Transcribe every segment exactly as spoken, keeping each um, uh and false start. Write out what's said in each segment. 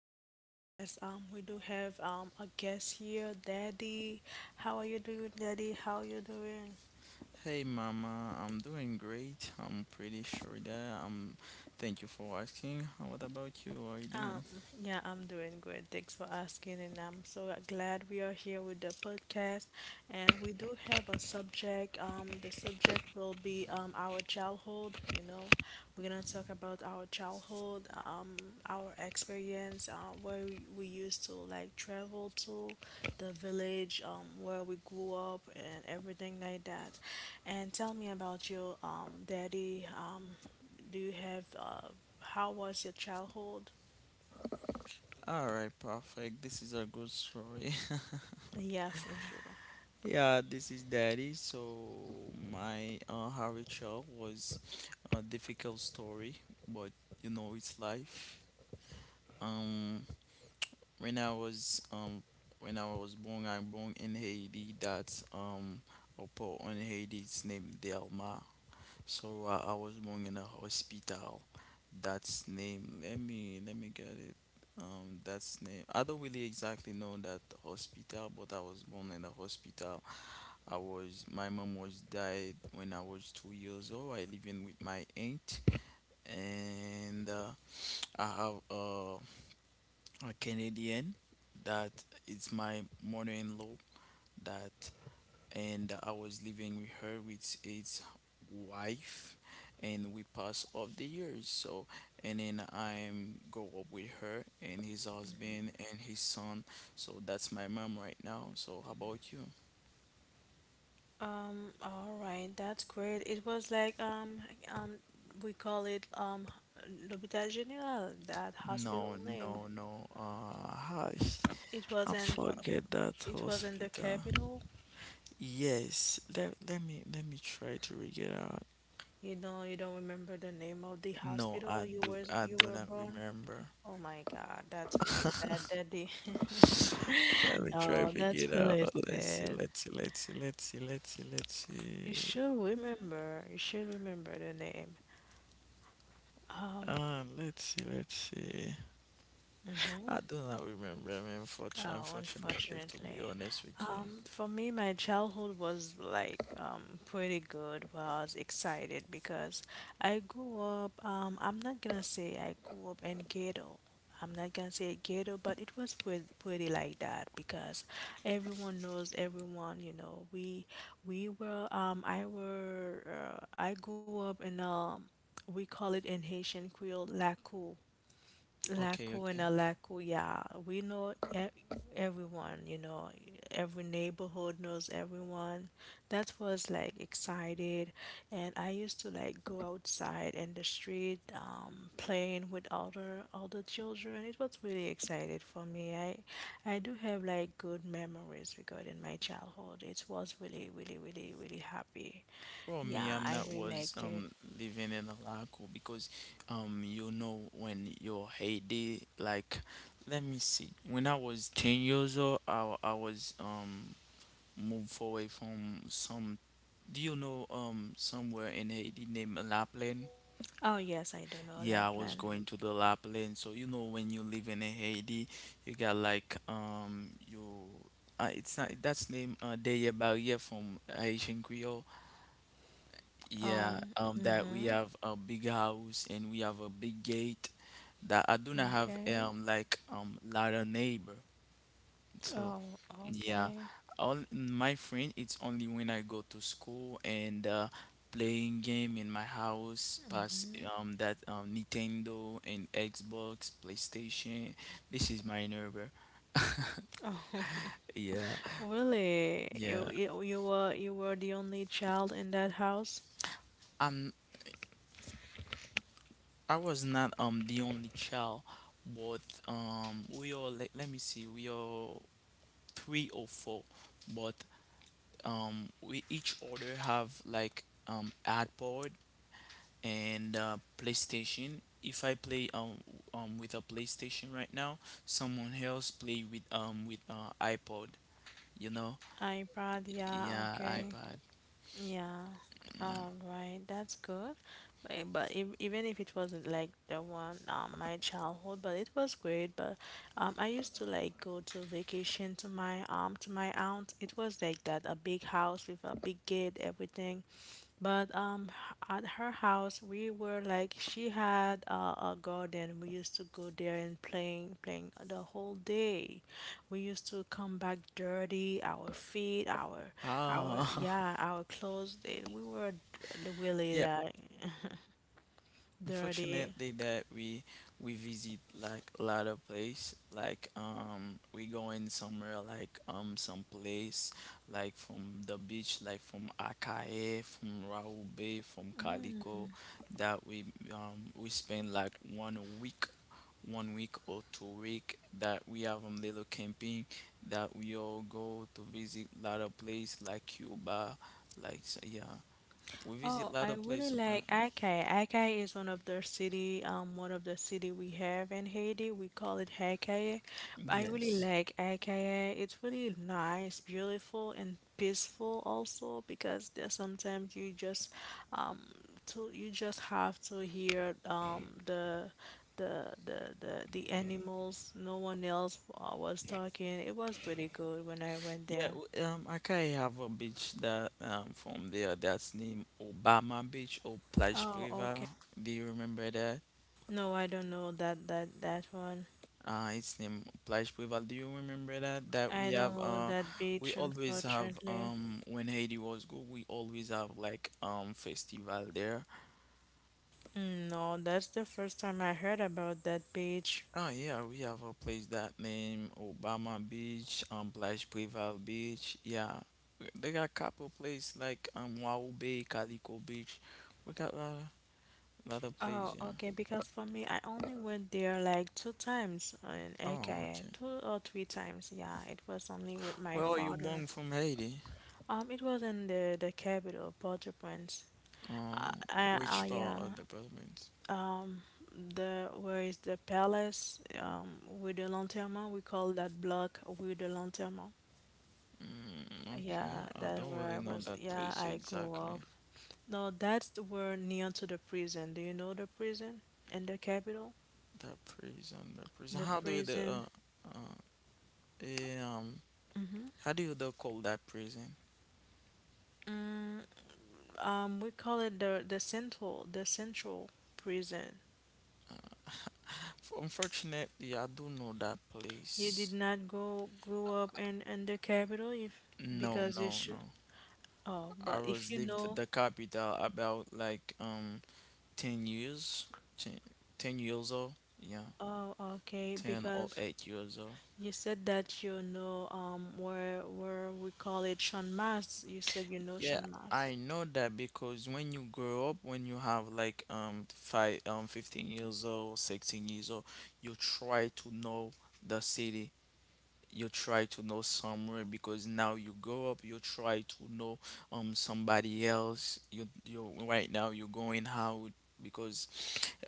to the podcast. Um, we do have um a guest here, Daddy. How are you doing, Daddy? How are you doing? Hey mama, I'm doing great. I'm pretty sure that I'm thank you for asking. What about you? How are you doing? Um, yeah, I'm doing good. Thanks for asking, and I'm so glad we are here with the podcast. And we do have a subject. Um, the subject will be um our childhood. You know, we're gonna talk about our childhood, um, our experience, uh, where we, we used to like travel to, the village, um, where we grew up, and everything like that. And tell me about your um daddy. Um, do you have uh, how was your childhood? Alright, perfect. This is a good story. Yeah, for sure. Yeah, this is daddy. So my uh Harry child was a difficult story, but you know it's life. Um when I was um when I was born I born in Haiti. That's um a port in Haiti. It's named Delma. So uh, I was born in a hospital. That's name. Let me let me get it. Um, that's name. I don't really exactly know that hospital, but I was born in a hospital. I was my mom was died when I was two years old. I living with my aunt, and uh, I have uh, a Canadian that is my mother-in-law, that and I was living with her with its wife, and we passed off the years, so and then I go up with her and his husband and his son. So that's my mom right now. So how about you? Um, all right, that's great. It was like um um we call it um L'Hôpital Général, that No, hospital name. no, no, uh hi. It was I in Pa- forget that it was in the hospital. capital. Yes, let, let me let me try to figure out. You know, you don't remember the name of the No, I hospital you do were I you do were not born. remember. Oh my God, that's really sad, Daddy. Let me try to Oh, figure it that's out. really Let's see, sad. let's see, let's see, let's see, let's see, let's You see. should remember. You should remember the name. Um. Uh, let's see, let's see. I do not remember. I mean, unfortunately, Oh, unfortunately, to be unfortunately. honest with you. Um, for me, my childhood was like um, pretty good. Well, was excited because I grew up, um, I'm not gonna say I grew up in ghetto. I'm not gonna say ghetto, but it was pretty, pretty like that because everyone knows everyone, you know. We we were um I were uh, I grew up in um we call it in Haitian Creole, la cour. Okay, Laco okay. and Alaku, yeah, we know e- everyone, you know, every neighborhood knows everyone. That was like excited, and I used to like go outside in the street, um, playing with other other children. It was really excited for me. I I do have like good memories regarding my childhood. It was really, really, really, really happy. For me, Yeah, I'm I not really was liked it. um living in a lago because, um you know when your heyday, like, let me see, when I was ten years old I I was um moved away from some. Do you know um somewhere in Haiti named La Plaine? Oh yes, I do know Yeah, I was Lapland. going to the lap lane. So, you know when you live in a Haiti, you got like um you uh, it's not that's name uh Deye Barriere from Haitian Creole. Yeah, Um, um that we mhm. have a big house and we have a big gate that I do not have Okay. um like um lot of neighbor. So Oh, yeah, okay. all my friend, it's only when I go to school and uh, playing game in my house, pass um that um Nintendo and Xbox, PlayStation. This is my neighbor. Oh, Yeah, really? You, yeah. you, you were you were the only child in that house? Um, I was not um the only child, but um we all, let, let me see, we all three or four, but um we each other have like um iPod and uh, PlayStation. If I play um, um with a PlayStation right now, someone else play with um with uh, iPod. You know? I proud, yeah, Yeah, okay. iPad. Yeah. Yeah. All right, that's good. But, but if, even if it wasn't like the one um my childhood, but it was great. But um I used to like go to vacation to my um to my aunt. It was like that, a big house with a big gate, everything. But um, at her house, we were like she had a, a garden. We used to go there and playing, playing the whole day. We used to come back dirty, our feet, our, our Oh, yeah, our clothes. They, we were d- really yeah. like dirty. Unfortunately, that we we visit like a lot of place. Like, um, we going somewhere like um some place, like from the beach, like from Akae, from Raoul Bay, from Calico. That we um we spend like one week, one week or two week, that we have um little camping, that we all go to visit a lot of place like Cuba, like. So, yeah, we visit a Oh, lot I of really place, but like Acai. Acai is one of the city, um, one of the city we have in Haiti. We call it Acai. I really yes. like Acai. It's really nice, beautiful, and peaceful also because there's sometimes you just, um, to you just have to hear um the the the the the animals. No one else uh, was talking. It was really good when I went Yeah, there. w- um, I can have a beach that, um from there, that's named Obama Beach or Plage Oh, Privada. okay. Do you remember that? No, I don't know that that that one. Uh, it's named Plage Privada. Do you remember that? That we I don't have want uh, that we beach, always have unfortunately. um when Haiti was good, we always have like um festival there. Mm, no, that's the first time I heard about that beach. Oh yeah, we have a place that named Obama Beach, um Plage Privada Beach. Yeah, we- they got couple place like um Wau Bay, Calico Beach. We got a lot. Lot of place, Oh, yeah. okay, because for me, I only went there like two times in Oh, Ekaya, okay. two or three times. Yeah, it was only with my Where are you father. born from Haiti? Um, it was in the the capital, Port-au-Prince. I, Uh, I, which I, part yeah. of the province? Um, the where is the palace? Um, with the lanterne, we call that block with the lanterne. Mm, okay, Yeah, I that's don't where really I know was. that Yeah, place I grew exactly. up. No, that's the word near to the prison. Do you know the prison in the capital? That prison, that prison. The How do you the uh, prison. uh eh, um how do you the call that prison? Mm, um, we call it the the central, the central prison. F- Unfortunately, I do know that You did place. not go go up in in the capital if No, because you no, should. no. Oh, I but if was you lived know, the capital about like um ten years, ten ten years old. Yeah, oh, okay, ten or because eight years old. you said that you know um where where we call it Shanmas. You said you know Yeah, Shanmas. I know that because when you grow up, when you have like um five um fifteen years old, sixteen years old, you try to know the city. You try to know somewhere because now you grow up, you try to know um somebody else. You you right now you're going out because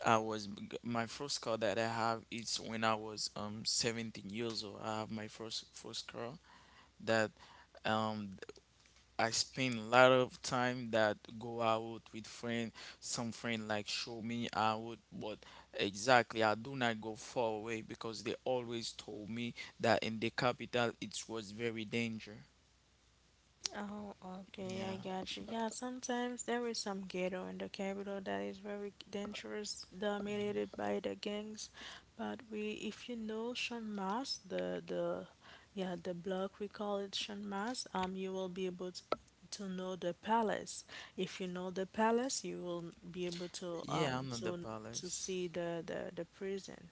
I was my first car that I have is when I was um seventeen years old. I have my first first car that, um I spend a lot of time that go out with friend. Some friend like show me out, but exactly I do not go far away because they always told me that in the capital it was very danger. Oh, okay, I Yeah, got you. Yeah, sometimes there is some ghetto in the capital that is very dangerous, dominated by the gangs. But we, if you know Sean Mas, the the, yeah, the block we call it Sean Mas, um, you will be able to, to know the palace. If you know the palace, you will be able to um yeah, I'm not to the to palace. see the the the prison.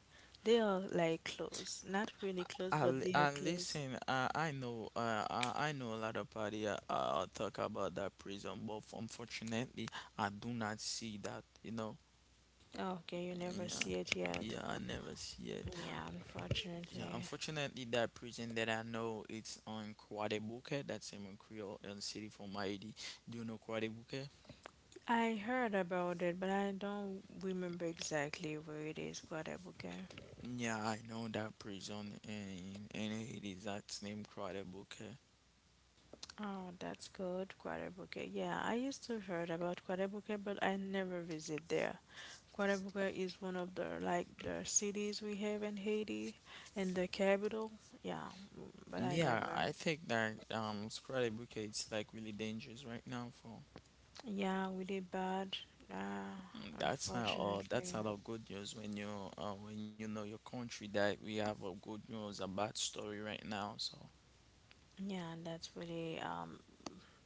They are like close, not really close, I, but li- they are I close. listen. I, I know. Uh, I, I know a lot of party. Uh, uh, talk about that prison, but unfortunately, I do not see that. You know. Oh, okay, you never Yeah, see it yet. yeah, I never see it. Yeah, Yeah, unfortunately. unfortunately, that prison that I know, it's on Kwadebuke, that's in Creole, in city from Haiti. Do you know Kwadebuke? I heard about it, but I don't remember exactly where it is, Guadalupe. Yeah, I know that prison in in Haiti. That's named Kwadebuke. Oh, that's good, Guadalupe. Yeah, I used to heard about Guadalupe, but I never visit there. Guadalupe is one of the like the cities we have in Haiti and the capital. Yeah, but I Yeah, never. I think that um Kwadebuke it's like really dangerous right now for. Yeah, really bad. Ah, Mm, that's not all. That's unfortunately. not all good news when you, uh, when you know your country, that we have a good news, a bad story right now. So Yeah, that's really um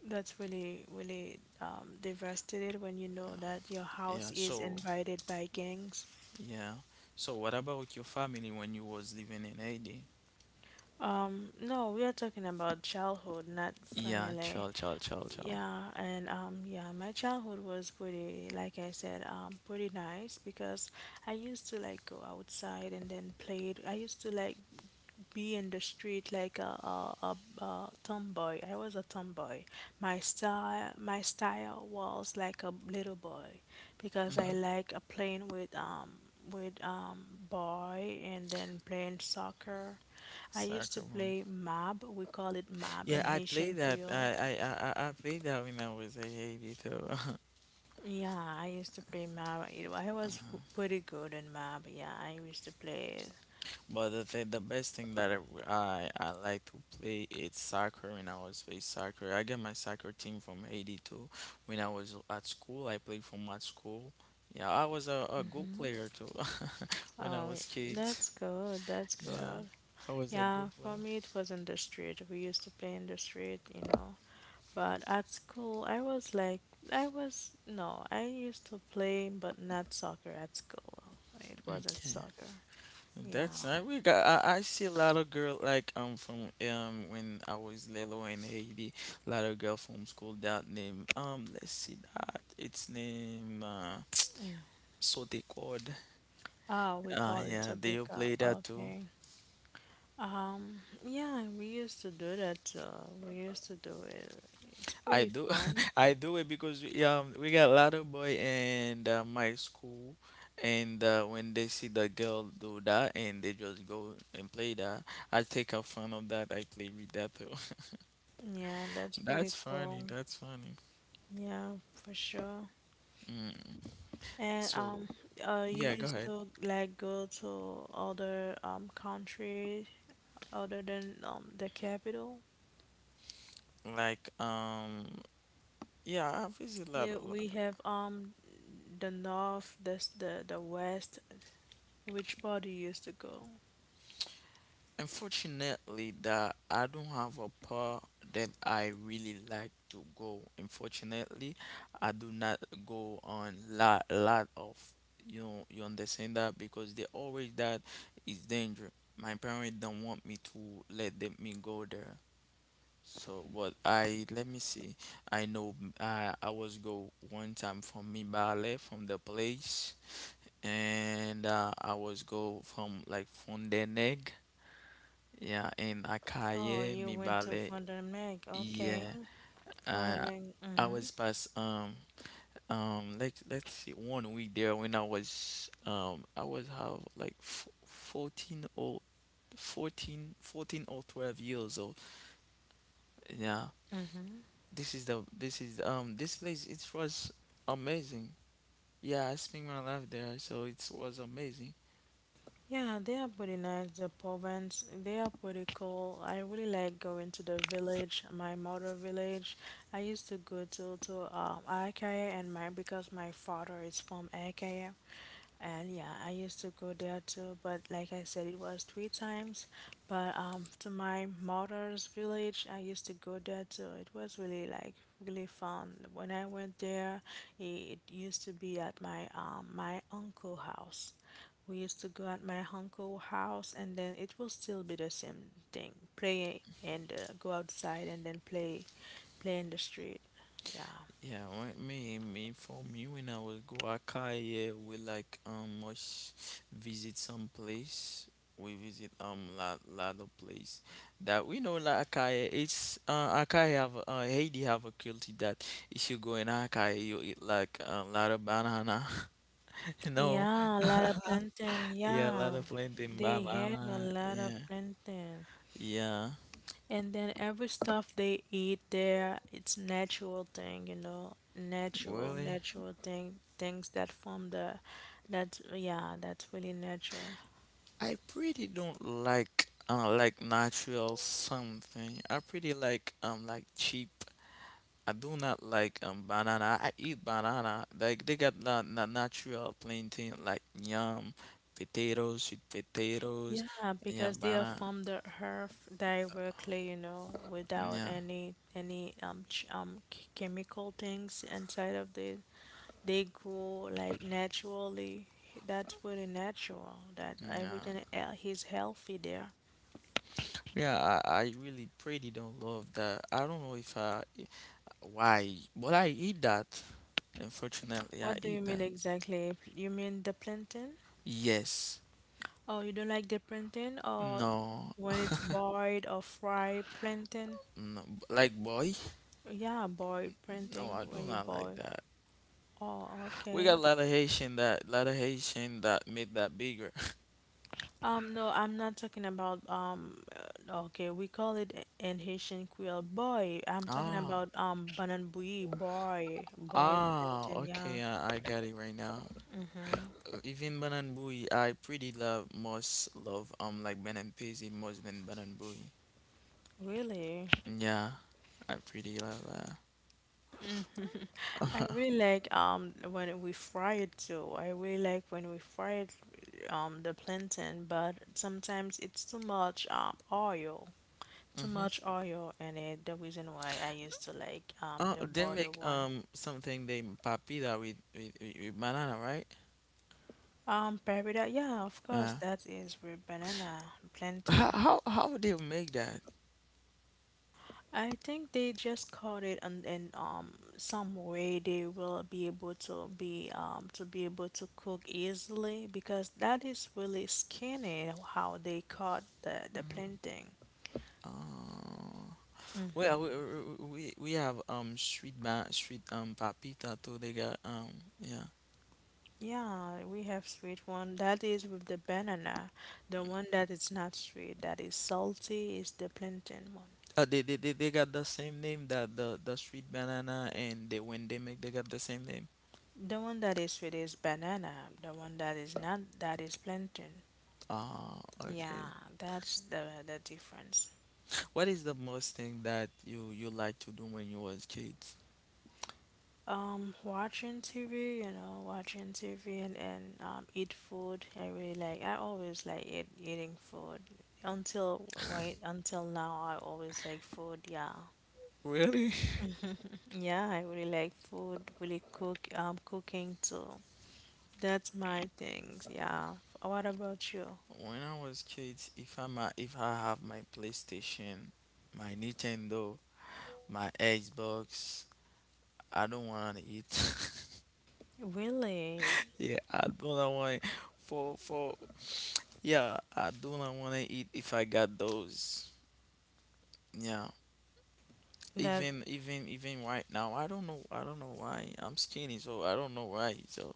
That's really, really um, devastated when you know that your yeah, house is so invaded by gangs. yeah. So what about your family when you was living in Haiti? Um, no, we are talking about childhood, not Yeah, family. chill, chill, chill, chill. Yeah, and um, yeah, my childhood was pretty, like I said, um, pretty nice because I used to like go outside and then play. I used to like be in the street like a, a, a, a tomboy. I was a tomboy. My style, my style was like a little boy because I Mm-hmm. like uh, playing with um with um boy and then playing soccer. I Soccer used to ball. play mob. We call it mob Yeah, in I Haitian played that. I Creole. I I, I I played that when I was in Haiti too. Yeah, I used to play mob. You I was f- pretty good in mob. Yeah, I used to play it. But the thing, the best thing that I, I I like to play is soccer. When I was play soccer, I get my soccer team from Haiti too. When I was at school, I played from my school. Yeah, I was a, a good player too. When I Oh, was yeah, kid, that's good. That's yeah, good. I was a Yeah, good player. for me it was in the street. We used to play in the street, you know. But at school, I was like, I was, no, I used to play, but not soccer at school. It wasn't Okay. soccer. Yeah. That's I we got I, I see a lot of girl like, um from, um when I was little in Haiti, a lot of girl from school that name um let's see, that its name uh Sote Chord. Oh, we Ah call it yeah, they all Zodika. play that too. Okay. Um, yeah, we used to do that. Uh, we used to do it. It's I pretty do fun. I do it because we, um we got a lot of boy, and uh, my school, and uh, when they see the girl do that, and they just go and play that, I take a fun of that, I play with that too. Yeah, that's pretty That's cool. funny, that's funny. Yeah, for sure. Mm, And so um, uh, yeah, you go used ahead. to like go to other um countries other than um the capital? Like um yeah, I visit a lot. Yeah, we A have um the north, this the the west. Which part do you used to go? Unfortunately, that I don't have a part that I really like to go. Unfortunately, I do not go on lot lot of, you know, you understand that because they always that is danger. My parents don't want me to let them me go there. So what I, let me see. I know, I I was go one time from me ballet from the place. and uh, I was go from like Fonteneg, yeah, in Oh, Akaye, you went to Mibale, Fond du Lac. Okay, yeah. Fond Uh, du I Lac. was past um um like let's see one week there when I was um I was have like f fourteen or fourteen fourteen or twelve years old. Yeah. Mm-hmm. This is the this is um This place it was amazing. Yeah, I spent my life there, so it was amazing. Yeah, they are pretty nice, the province. They are pretty cool. I really like going to the village, my mother village. I used to go to to um Akaya and my because my father is from Akaya. And yeah, I used to go there too, but like I said, it was three times. But um, to my mother's village, I used to go there too. It was really like really fun. When I went there, it used to be at my um my uncle house. We used to go at my uncle house, and then it will still be the same thing: play and uh, go outside, and then play, play in the street. Yeah. Yeah, well, me, me, for me, when I will go Akai, yeah, we like um much visit some place. We visit um lot lot of place that we know like Akai. It's uh Akai have uh Haiti have a culture that if you go in Akai, you eat like a lot of banana. You know, Yeah, a lot of plantain. yeah, a lot Yeah, of plantain they have a banana. lot of Yeah, plantain. yeah, And then every stuff they eat there, it's natural thing, you know, natural, really. natural thing, things that from the, that yeah, that's really natural. I pretty don't like uh like natural something. I pretty like um like cheap. I do not like um banana. I eat banana. Like they got that na natural plantain, like yam, potatoes, sweet potatoes, Yeah, yeah, because they are banana, from the earth directly, you know, without yeah, any any um ch um ch- chemical things inside of the they grow like naturally. That's pretty natural. That yeah. everything el- he's healthy there. Yeah, I, I really pretty don't love that. I don't know if I why, but I eat that. Unfortunately, I What do you eat mean that. exactly? You mean the plantain? Yes. Oh, you don't like the plantain, or No, when it's boiled or fried plantain? no. Like boy. Yeah, boiled No, I plantain do when you not like boil. that. Oh, We got a okay. lot of Haitian that, lot of Haitian that made that bigger. Um, no, I'm not talking about um. uh, okay, we call it a- in Haitian Creole boy. I'm talking Ah, about um banana boy, boy, boy ah, plantain. Yeah. okay, I, I got it right now. Uh, Even Banan Booey, I pretty love most love um like Ben and more than Banan Booey. Really? Yeah, I pretty love I that. really like um when we fry it too. I really like when we fry it um the plantain, but sometimes it's too much um oil, too Mm-hmm. much oil in it. The reason why I used to like um Oh, the they boiled make one. um something they papita with with, with with banana, right? Um paprika, yeah, of course Uh, that is with banana how plantain. how how would they make that? I think they just caught it and in um some way they will be able to be um to be able to cook easily because that is really skinny how they caught the the Mhm. planting. Oh. Well, we we we we have um street ba street um papita too. They got um yeah. Yeah, we have sweet one that is with the banana. The one that is not sweet that is salty is the plantain one. Uh, they, they they they got the same name that the the street banana, and they when they make they got the same name. The one that is sweet is banana. The one that is not that is plantain. Ah, Yeah, okay. that's the the difference. What is the most thing that you you like to do when you was kids? Um, watching T V, you know, watching T V and, and um, eat food. I really like. I always like eat, eating food. Until wait, until now, I always like food. Yeah, Really? yeah, I really like food. Really cook, um, cooking too. That's my things. Yeah. What about you? When I was kids, if I'm a, if I have my PlayStation, my Nintendo, my Xbox, I don't want to eat. Really? Yeah, I do not want it. For for Yeah, I do not want to eat if I got those. Yeah. That Even even even right now, I don't know. I don't know why I'm skinny, so I don't know why. So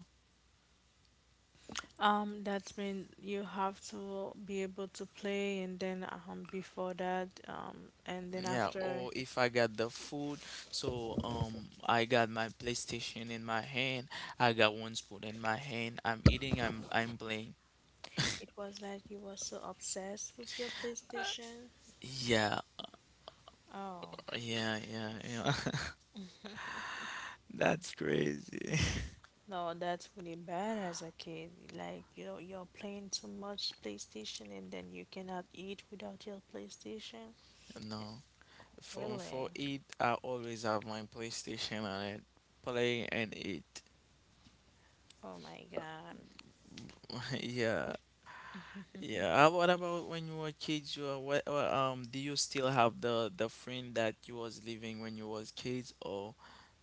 um that means you have to be able to play and then um before that um and then yeah, after or if I got the food, so um, I got my PlayStation in my hand. I got one spoon in my hand. I'm eating. I'm I'm playing. it was like you were so obsessed with your PlayStation. Yeah, Oh, yeah, yeah, yeah. That's crazy. no, that's really bad as a kid. Like you're you're playing too much PlayStation and then you cannot eat without your PlayStation. No. Phone for Really? it, I always have my PlayStation on it, play and it. Oh my God. Yeah, yeah. Uh, What about when you were kids? You were, what, uh, um, do you still have the the friend that you was living when you was kids, or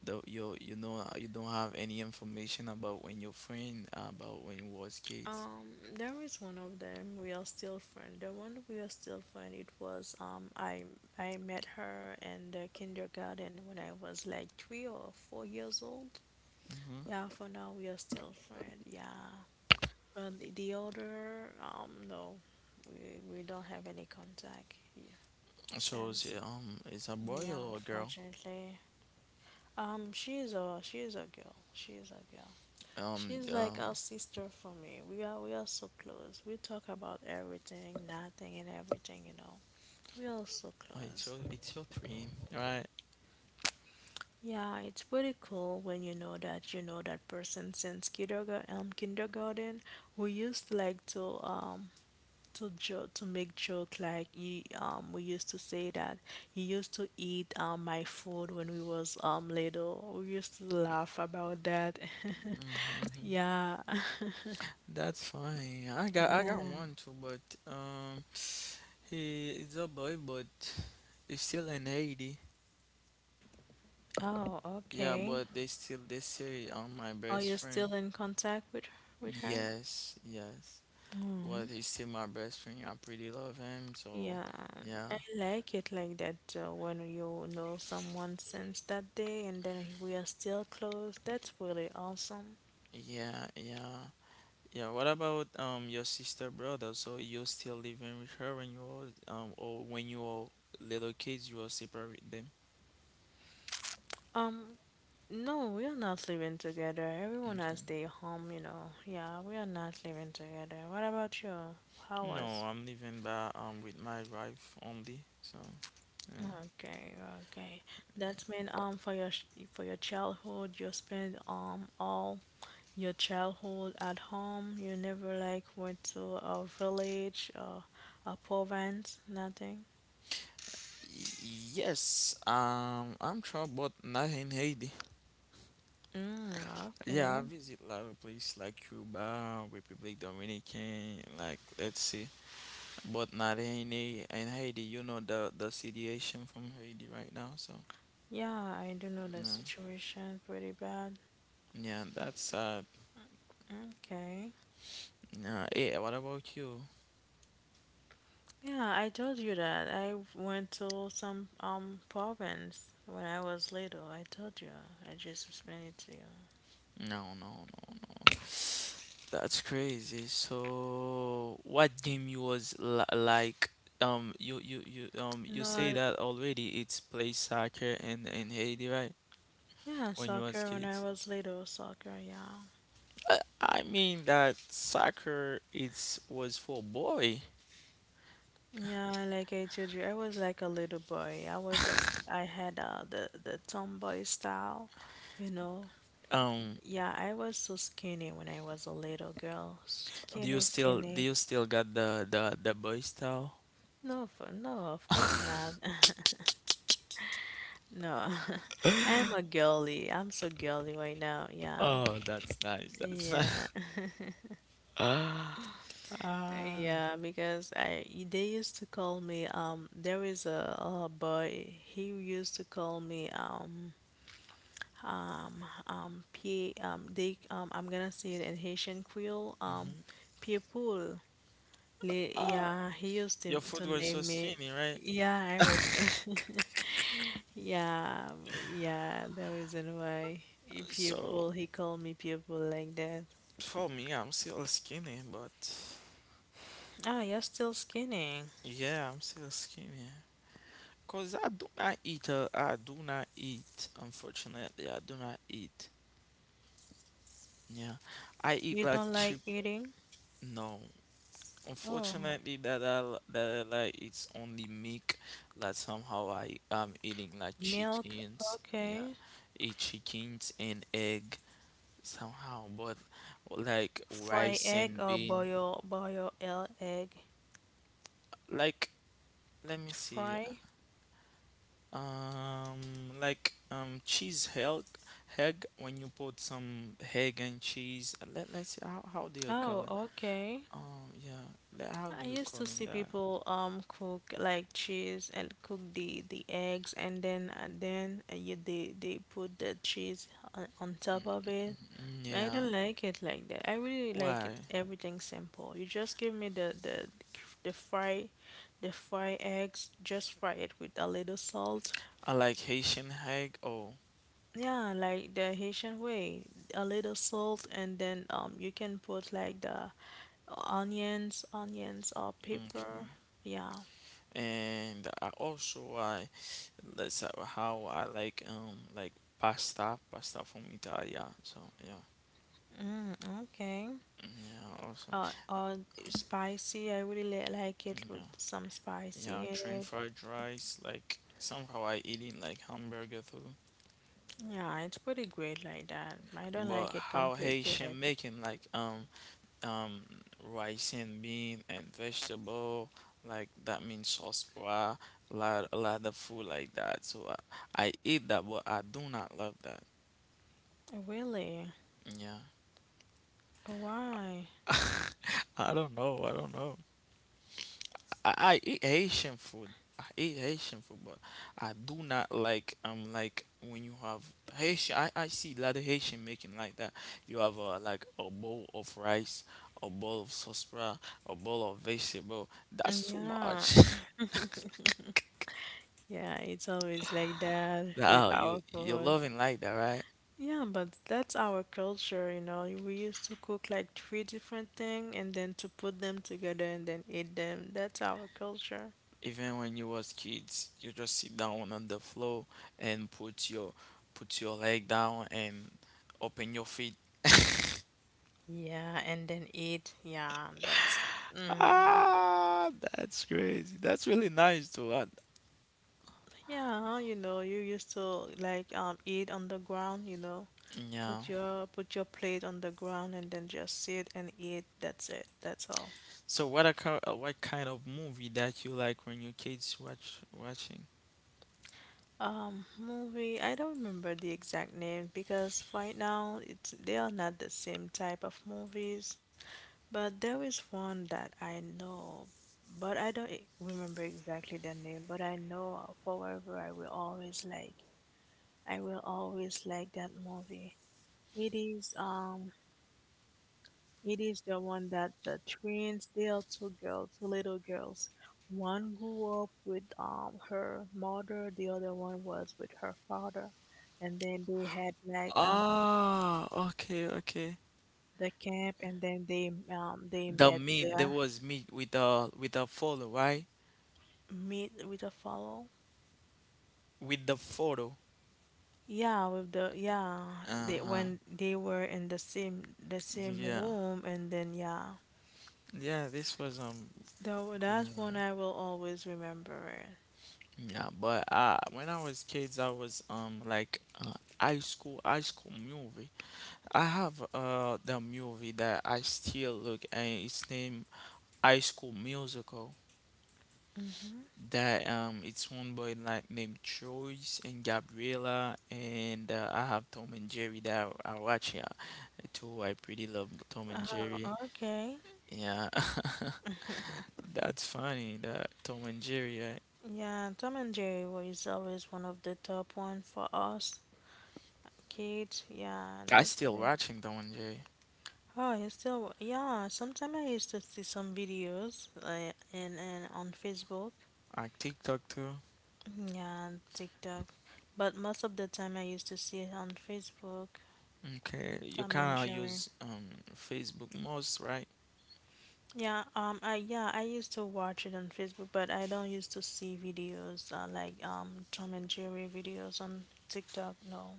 the you you know uh, you don't have any information about when your friend uh, about when you was kids? Um, there is one of them. We are still friends. The one we are still friends. It was um, I I met her in the kindergarten when I was like three or four years old. Mm-hmm. Yeah, for now we are still friends. Yeah, but the, the other, um, no, we we don't have any contact, yeah, So is since. it, um, is a boy Yeah, or a girl? unfortunately. Um, she's a she's a girl. She's a girl. Um, She's like um, our sister for me. We are we are so close. We talk about everything, nothing, and everything. You know, We are so oh, it's close. your it's your dream, right? Yeah, it's pretty cool when you know that you know that person since kindergarten, um, kindergarten. We used to like to um to joke to make joke like you um we used to say that you used to eat um my food when we was um little. We used to laugh about that. Mm-hmm. Yeah. That's fine. I got I got Yeah. one too, but um, he is a boy, but he's still an eighty. Oh, Yeah, okay. but they still they say I'm my Are best you friend. still in contact with with her? Yes, yes. Well, Mm. he's still my best friend. I pretty love him. So, Yeah, yeah, I like it like that, uh, when you know someone since that day and then we are still close. That's really awesome. yeah, yeah, yeah. What about um your sister brother? So you still living with her when you were um or when you were little kids, you were separate them. Um, No, we are not living together. Everyone has Okay. their home, you know. Yeah, we are not living together. What about you? How No, was? I'm living by um with my wife only. So yeah. Okay, okay. That's mean um for your sh- for your childhood, you spent um all your childhood at home. You never like went to a village or a province, nothing. Y- Yes, um, I'm sure, but not in Haiti. Mm, okay. Yeah, I visit a lot of places like Cuba, Republic Dominican, like let's see, but not in Ha- in Haiti. You know the the situation from Haiti right now, so Yeah, I do know the no. situation pretty bad. Yeah, that's uh, Okay. yeah. Hey, what about you? Yeah, I told you that. I went to some um province when I was little. I told you. I just explained it to you. No, no, no, no. That's crazy. So, what game you was li like? Um, you you you um you No, say I, that already. It's play soccer in in Haiti, right? yeah, When you was soccer when I kids. was little, soccer, yeah. I, I mean that soccer it's was for boy. Yeah, like I told you, I was like a little boy. I was just, I had uh, the the tomboy style, you know. Um, Yeah, I was so skinny when I was a little girl. do you Skinny, still do skinny. you still got the the the boy style? No, for, no, of course not. No, I'm a girly. I'm so girly right now. Yeah, Oh, that's nice. That's yeah, nice. Ah. yeah. Because I they used to call me um. There is a, a boy. He used to call me um um um P. um they um I'm gonna say it in Haitian Creole um Mhm. pie poule. Le, Ah, Yeah, he used to your foot to was so name me. skinny, right? Yeah, I was. Yeah, yeah, the reason why So people he called me people like that. for me, I'm still skinny, but Ah, you're still skinny. yeah, I'm still skinny. Cause I do not eat. Uh, I do not eat. Unfortunately, I do not eat. Yeah, I eat You like don't cheap. like eating? No, Oh, unfortunately, that I l- that I like it's only meat. That somehow I am eating like milk? chickens. Yeah, Okay. eat chickens and egg somehow, but like Fry rice egg and or bean. boil boil el egg? Like let me see. Fry? Um, like um, cheese heg, heg when you put some heg and cheese. Let let's see how how do you call Oh, it? okay. Um, yeah, le- how do I you used to calling see that? people um cook like cheese and cook the the eggs and then and then uh, you, they they put the cheese on, on top of it. Mm, I Yeah, don't like it like that. I really like why? it everything simple. You just give me the the the fry the fry eggs, just fry it with a little salt. I like Haitian heg. Oh, Yeah, like the Haitian way, a little salt and then um you can put like the onions, onions or pepper. okay. Yeah, And I also I let's say how I like um like pasta, pasta from Italia. So yeah, okay. mm, yeah also. Uh, or spicy. I really li like it Mm, with yeah, some spicy yeah, in train it. fried rice, like somehow I eating like hamburger too. Yeah, it's pretty great like that. I don't But like it how complicated. Haitian make him like um um rice and bean and vegetable like that means sauce pois, lot a lot of food like that. So I, I eat that, but I do not love that. Really? Yeah, Why? I don't know. I don't know. I, I eat Haitian food. I eat Haitian food, but I do not like um like when you have Haitian. I, I see a lot of Haitian making like that. You have uh, like a bowl of rice, a bowl of sauerkraut, a bowl of vegetable. That's too Yeah. much. Yeah, it's always like that with Oh, our you you're food. loving like that, right? Yeah, but that's our culture, you know. We used to cook like three different things and then to put them together and then eat them. That's our culture. Even when you was kids, you just sit down on the floor and put your put your leg down and open your feet. Yeah, and then eat. Yeah, that's Ah, that's crazy. That's really nice to what. Yeah, you know, you used to like um eat on the ground, you know. Yeah. Put your put your plate on the ground and then just sit and eat. That's it. That's all. So what a co- uh, what kind of movie that you like when your kids watch watching? Um, movie, I don't remember the exact name because right now it's they are not the same type of movies. But there is one that I know, but I don't e- remember exactly the name, but I know forever I will always like I will always like that movie. It is um It is the one that the twins tell to girls, to little girls. One grew up with um her mother, the other one was with her father, and then they had like um Ah, okay, okay. the camp, and then they um they The met meat there there, was meat with the with the photo, right? meet with a follow. With the photo. Yeah, with the yeah, they Uh-huh. when they were in the same the same Yeah. room, and then yeah, Yeah, this was um that wa- good that's one movie. I will always remember it. Yeah, but uh when I was kids I was um like uh high school high school movie. I have uh the movie that I still look and it's named High School Musical. That um it's one boy like named Joyce and Gabriella and uh, I have Tom and Jerry that I watch here too. I pretty love Tom and Jerry. Oh, okay. Yeah. That's funny that Tom and Jerry right? Yeah, Tom and Jerry was always one of the top one for us kids. Yeah, I that's still great. watching Tom and Jerry. Oh, it's still yeah. Sometimes I used to see some videos, uh, in and on Facebook. I TikTok too. Yeah, and TikTok, but most of the time I used to see it on Facebook. Okay. You Tom and kinda Jerry. use um Facebook most, right? Yeah, um, I yeah, I used to watch it on Facebook, but I don't used to see videos, uh, like um Tom and Jerry videos on TikTok. No,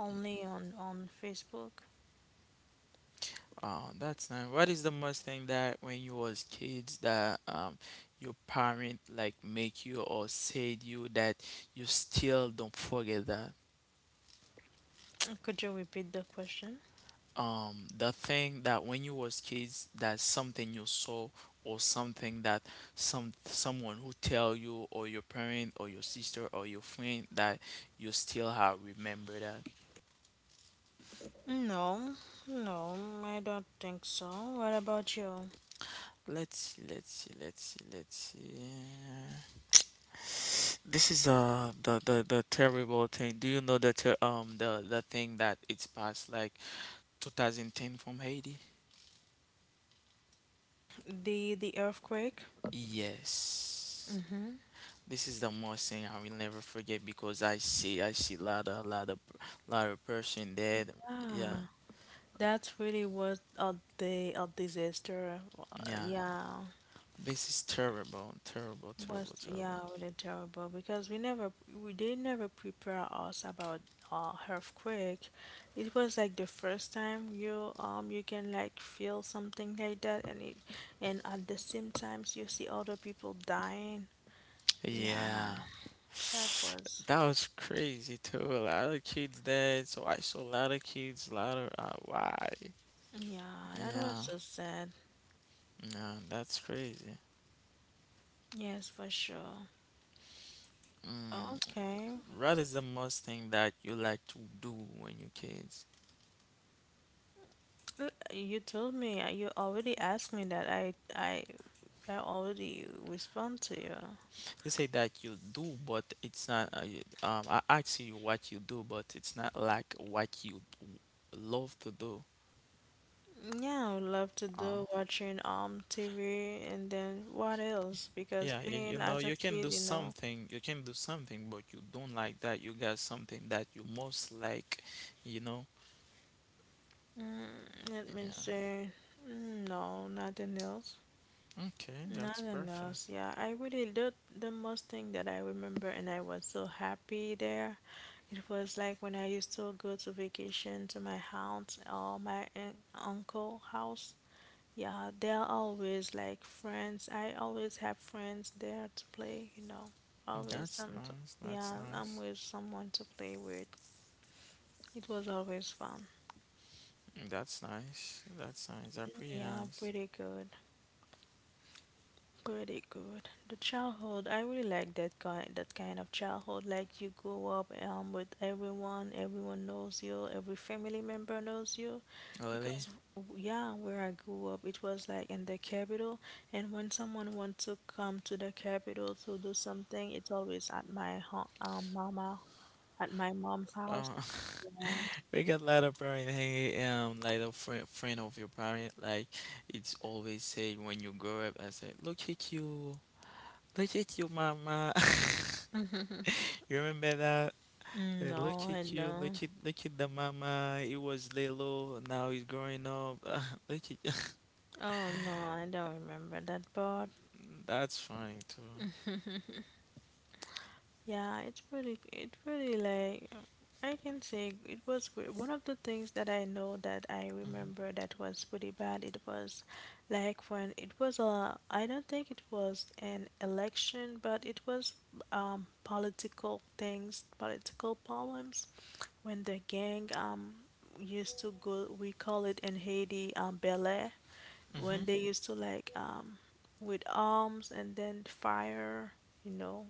only on on Facebook. Oh, that's nice. What is the most thing that when you was kids that um your parent like make you or said you that you still don't forget that? Could you repeat the question? Um, the thing that when you was kids that something you saw or something that some someone who tell you or your parent or your sister or your friend that you still have remember that. No, no, I don't think so. What about you? Let's see, let's see, let's see, let's see. This is uh the the the terrible thing. Do you know the ter um the the thing that it's passed like twenty ten from Haiti? The the earthquake? Yes. This is the most thing I will never forget because I see I see lot of lot of lot of person dead. Yeah. Ah, that really was a day a disaster. Uh, Yeah. yeah, This is terrible, terrible, was terrible, terrible. yeah really terrible because we never we did never prepare us about uh earthquake. It was like the first time you um you can like feel something like that and it, and at the same times you see other people dying. Yeah, Yeah. That was, That was crazy too. A lot of kids dead. So I saw a lot of kids, a lot of uh, why? yeah, that was Yeah. so sad. Yeah, that's crazy. Yes, for sure. Mm, Okay. what is the most thing that you like to do when you're kids? L- You told me, uh, you already asked me that. I, I, I already respond to you. You say that you do, but it's not. Uh, you- um, I ask you what you do, but it's not like what you w- love to do. Yeah, I would love to Uh, do watching um T V and then what else? Because yeah, you, you playing know, as a you can kid, do you know, something. You can do something, but you don't like that. You got something that you most like. You know. mm, let me Yeah. say, mm, no, nothing else. Okay, that's Nothing perfect. else. Yeah, I really did the most thing that I remember, and I was so happy there. It was like when I used to go to vacation to my aunt or my un- uncle house. Yeah, they're always like friends. I always have friends there to play, you know. Always That's some, to, nice. yeah, That's I'm nice. with someone to play with. It was always fun. That's nice. That's nice. That's pretty Yeah, nice. pretty good. Pretty good. The childhood, I really like that kind that kind of childhood. Like you grow up um with everyone, everyone knows you, every family member knows you, Really? because w- yeah, where I grew up, it was like in the capital, and when someone wants to come to the capital to do something, it's always at my ho- um mama at my mom's house. Uh, Yeah. we got a lot of parents hanging, um, like a friend, friend of your parent, like it's always say when you grow up, I say, look at you, look at your mama. You remember that? Mm, Say, look no, I at you, don't. look at, look at the mama. It was little, now he's growing up. Look at Oh no, I don't remember that part. That's funny too. Yeah, it's pretty, it really like, I can say it was great. One of the things that I know that I Hmm. remember that was pretty bad, it was like when it was a, I don't think it was an election, but it was um political things, political problems when the gang um used to go, we call it in Haiti, um, Bel Air, when Hmm. they used to like um with arms and then fire, you know,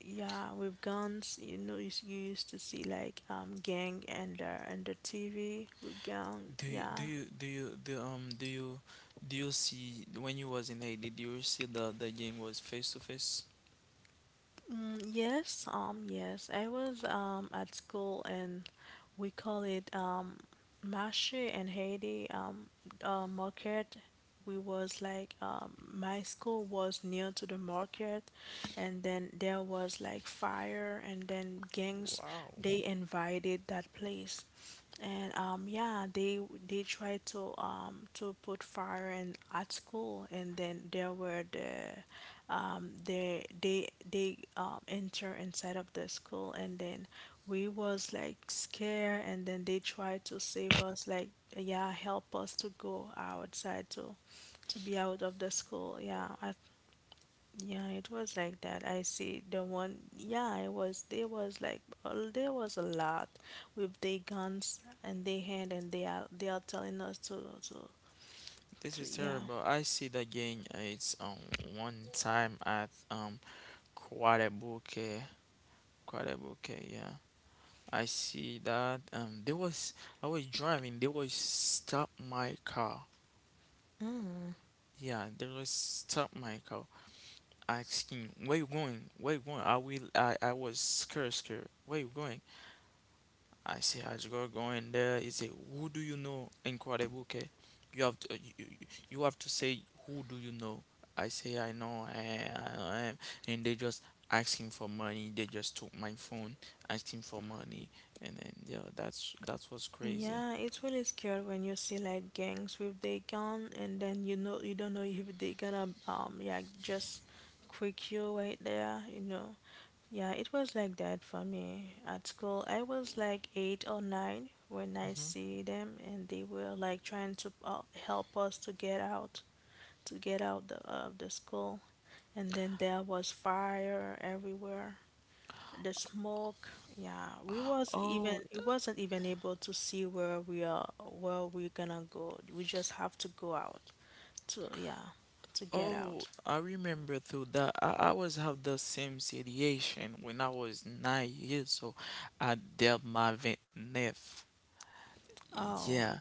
yeah, with guns, you know, you s- you used to see like um gang and uh, and the T V with gang. Do you, do Yeah. You, do you, do, um, do you do you see when you was in Haiti? Do you see the the game was face to face? Mm, yes. Um. Yes. I was um at school, and we call it um mache in Haiti. Um. Uh, market, we was like, um, my school was near to the market, and then there was like fire and then gangs, Wow. they invited that place, and um yeah, they they tried to um to put fire in at school, and then there were the um they they they um enter inside of the school, and then we was like scared, and then they tried to save us, like yeah, help us to go outside to to be out of the school, yeah, I, yeah, it was like that I see the one, yeah, it was there was like uh, there was a lot with their guns and their hand, and they are they are telling us to to, This to is yeah. terrible. I see the game. uh, It's um one time at um Quadrebuque, Quadrebuque. Yeah, I see that. Um, there was I was driving. They was stop my car. Yeah, they was stop my car, asking where you going? Where you going? I will. I I was scared, scared. Where you going? I say how it's go- going there. He say, "Who do you know?" Incredible. Okay, you have to uh, you, you have to say, "Who do you know?" I say, "I know." I, I, I, and they just asking for money. They just took my phone, asking for money, and then yeah, that's that was crazy. Yeah, it's really scary when you see like gangs with their gun, and then you know you don't know if they gonna um yeah just quick you right there, you know. Yeah, it was like that for me at school. I was like eight or nine when I Hmm. see them, and they were like trying to, uh, help us to get out, to get out the, of the school, and then there was fire everywhere. The smoke, yeah, we was even Oh, we th- wasn't even able to see where we are where we're gonna go. We just have to go out to yeah, to get oh, out. I remember through that. I, I was have the same situation when I was nine years old. I dealt my vent. Oh, Yeah,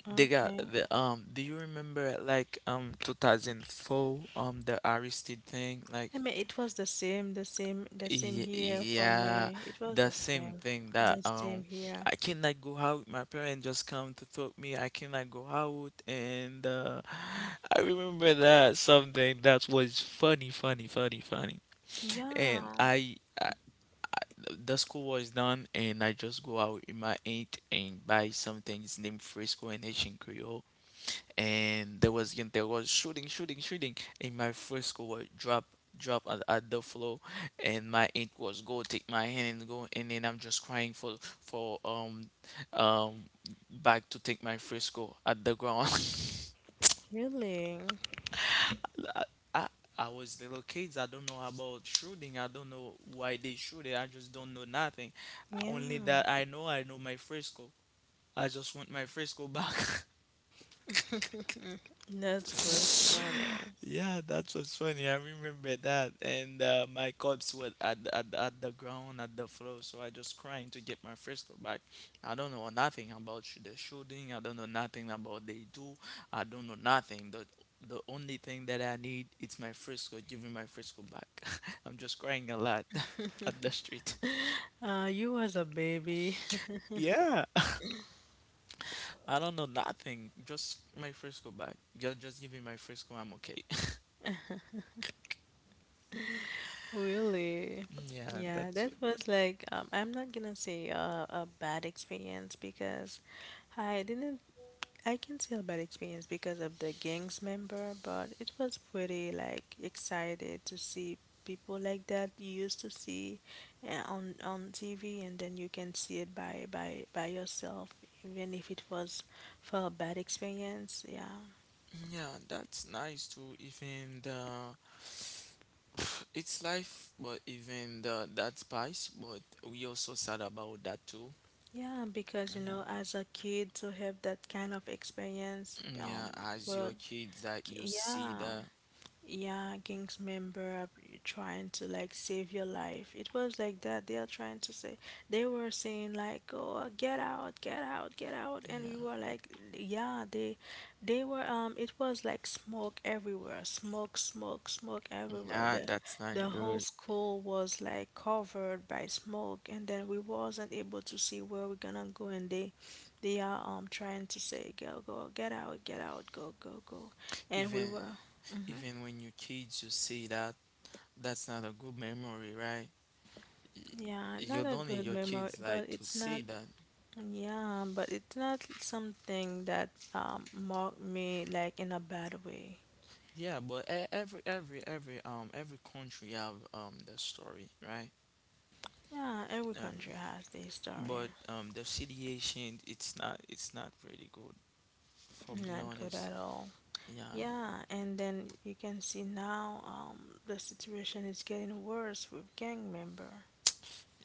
they got okay. the um. Do you remember like um two thousand four um the Aristide thing like I mean, it was the same, the same, the same y here for yeah me. It was the the same same, thing that the same um here. I cannot go out. My parents just come to talk me. I cannot go out and uh, I remember that something that was funny, funny, funny, funny. And Yeah, I, I the school was done and I just go out with my aunt and buy something. It's named Frisco and Haitian Creole. And there was again there was shooting shooting shooting and my first school was drop drop at, at the floor and my aunt was go take my hand and go and then I'm just crying for for um um back to take my first at the ground. really. I, I I was little kids I don't know about shooting I don't know why they shoot it I just don't know nothing Yeah. only that I know I know my first I just want my first back. That was funny. Yeah, that was funny. I remember that. And uh, my cups were at, the- at, the- at the ground, at the floor. So I just crying to get my Frisco back. I don't know nothing about sh- the shooting. I don't know nothing about they do. I don't know nothing. The, the only thing that I need is my Frisco. Give me my Frisco back. I'm just crying a lot at the street. Uh, you was a baby. Yeah, I don't know nothing. Just my Frisco back. Ju- Just give me my Frisco. I'm okay. Really? Yeah, Yeah, that's that was like, um, I'm not gonna say, uh, a bad experience because I didn't. I can say a bad experience because of the gang's member, but it was pretty like excited to see people like that you used to see uh, on on T V, and then you can see it by by by yourself, even if it was for a bad experience. Yeah. Yeah, that's nice too. Even the it's life, but even the that spice. But we also sad about that too. Yeah, because you Yeah, know, as a kid to have that kind of experience, yeah. um, As well, your kids, that you K- see yeah, that. yeah, gangs member are trying to like save your life. It was like that. They are trying to say they were saying like, "Oh, get out, get out, get out," and we Yeah, were like, "Yeah." They, they were um. It was like smoke everywhere, smoke, smoke, smoke everywhere. yeah. The, That's not the whole good. school was like covered by smoke, and then we wasn't able to see where we're gonna go. And they, they are um trying to say, "Go, go, get out, get out, go, go, go," and we Even were. Mm-hmm. even when your kids, you see that. That's not a good memory, right? Yeah, You not a don't need good your memory, kids but like to it's see not, that. yeah, but it's not something that um marked me like in a bad way. Yeah, but e- every every every um every country have um the story, right? Yeah, every Every. country has their story. but um, the situation, it's not it's not pretty good. For be Not good honest, at all. yeah, Yeah, and then you can see now um the situation is getting worse with gang member.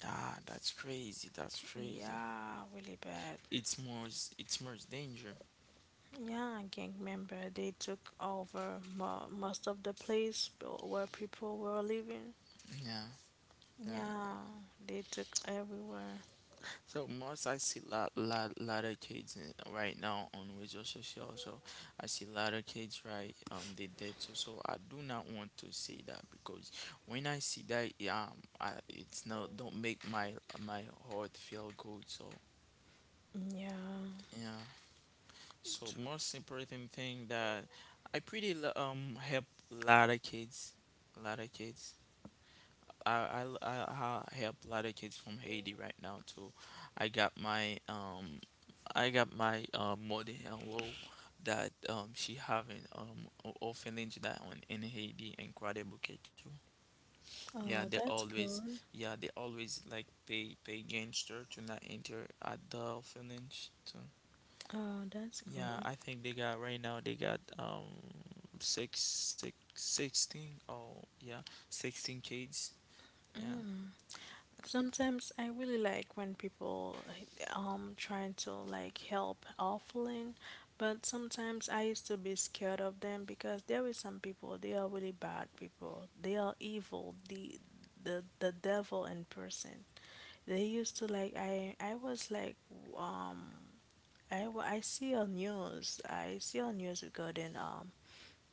ah, that's crazy. That's crazy. Yeah, really bad. It's more it's more danger. Yeah, gang member, they took over mo most of the place where people were living. Yeah. Yeah. Yeah, they took everywhere. So most I see lot lot lot of kids in- right now on Wejo Social. So I see a lot of kids right, um they dead too. So I do not want to say that because when I see that, yeah, um, I, it's not don't make my my heart feel good. So, Yeah. yeah. So most important thing that I pretty lo- um help a lot of kids, a lot of kids. I I I I help a lot of kids from Haiti right now too. I got my um I got my uh, mother in law that um she having um o- orphanage that one in Haiti in Guadeloupe too. Yeah, they Oh, that's always good. yeah they always like pay pay gangster to not enter at the orphanage too. Oh, that's Yeah, good. I think they got right now they got, um six six sixteen, oh yeah, sixteen kids, yeah. Sometimes I really like when people um trying to like help offering, but sometimes I used to be scared of them because there is some people they are really bad people. They are evil, the the the devil in person. They used to like I I was like um I wa- I see on news I see on news regarding um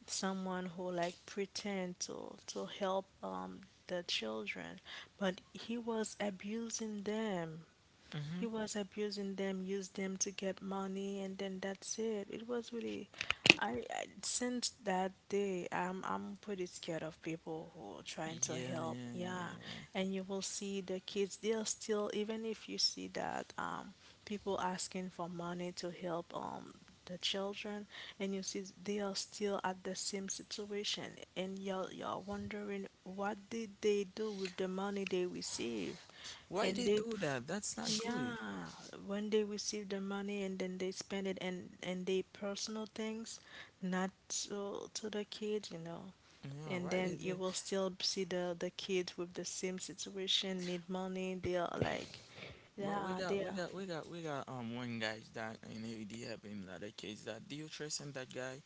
someone who like pretend to to help um the children, but he was abusing them. Mm-hmm. He was abusing them, used them to get money, and then that's it. It was really, I, I since that day, I'm I'm pretty scared of people who are trying to Yeah, yeah, help. yeah, Yeah, yeah. and you will see the kids. They're still even if you see that um people asking for money to help um the children and you see they are still at the same situation and you're, you're wondering what did they do with the money they receive Why and they they do that? That's not yeah, good. when they receive the money and then they spend it and and they personal things, not so to the kids, you know. Yeah, And why then they you do? will still see the the kids with the same situation, need money. They are like, But we yeah, got they we are. got we got we got um one guy that in A D helping another case. That, do you trust him, that guy,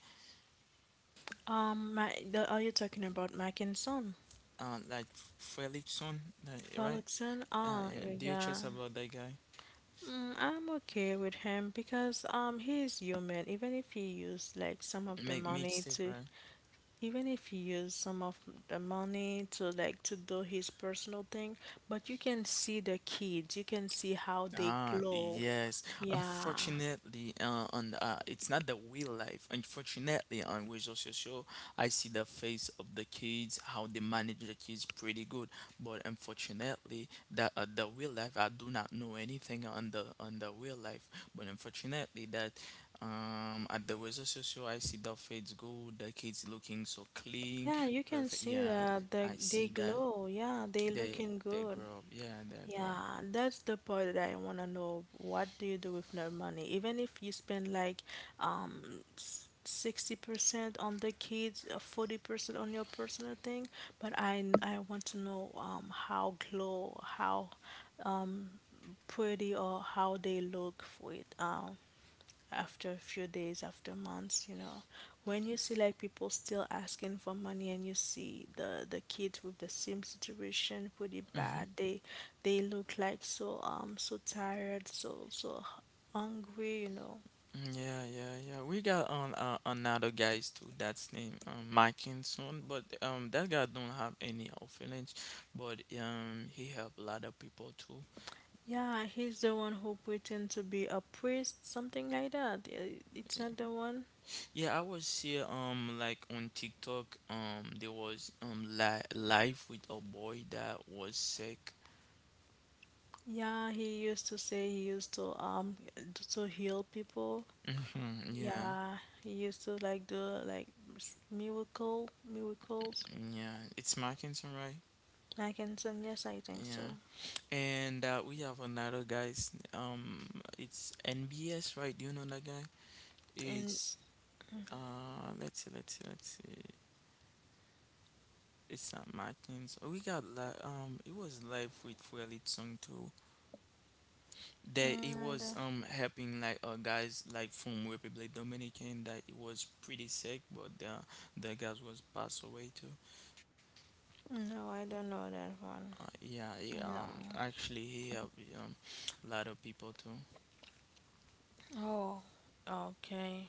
Um, my, the, are you talking about Mac and Son? uh like Felixson, that right, Frolicsson? uh Ah, yeah, y- do you yeah. trust about that guy, Mm, I'm okay with him because um he is human. Even if he used like some of the make money mixtape, to right? even if he used some of the money to like to do his personal thing, but you can see the kids, you can see how they Ah, glow. yes. Yeah. Unfortunately, uh, on, uh, it's not the real life. Unfortunately, on Weasel Social, I see the face of the kids, how they manage the kids pretty good. But unfortunately, the uh, the real life, I do not know anything on the on the real life. But unfortunately, that um at the Weasel Social, I see the face good, the kids looking so clean, Yeah, you can perfect. see Yeah, that the, I they see that glow. Yeah, they they looking they good. grow up. Yeah, they grow. Yeah, that's the part that I want to know. What do you do with no money? Even if you spend like um s- sixty percent on the kids, uh, forty percent on your personal thing, but I I want to know um how glow, how um pretty or how they look for it. Um after a few days, after months, you know, when you see like people still asking for money and you see the the kids with the same situation pretty bad, they they look like so um so tired, so so hungry, you know. Mm, yeah, yeah, yeah. We got on uh, another guys too. That's named um, Mackinson, but um that guy don't have any orphanage, but um he help a lot of people too. Yeah, he's the one who pretend to be a priest, something like that. Uh, It's not the one. Yeah, I was here um like on TikTok, um there was um li- live with a boy that was sick. Yeah, he used to say he used to um to heal people. Mm-hmm. Yeah, Yeah, he used to like do like s- miracle miracles. yeah. It's Mackinson, right? I can send yes, I think so. Yeah. And uh, we have another guys. Um, it's N B S, right? Do you know that guy? And It's Uh, let's see, let's see, let's see. It's not Martins. Oh, we got like um, it was live with Fuelit Song too. mm, That it I don't, was um helping like uh guys like from Republic Dominican that it was pretty sick, but the the guys was passed away too. no, I don't know that one. Uh, yeah, yeah. No. Um, actually, he helped um a lot of people too. Oh, okay.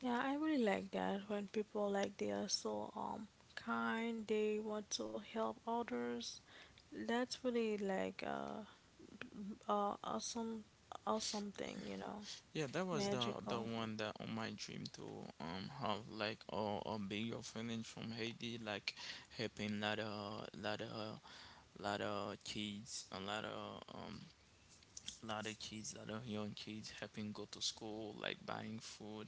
Yeah, I really like that when people like they are so um kind, they want to help others. That's really like uh, uh awesome awesome thing, you know, Yeah, that was the the magical. one that on my dream to um have like a, a big orphanage from Haiti, like helping lot of lot of lot of kids, a lot of, um, lot of kids, lot of young kids helping go to school, like buying food,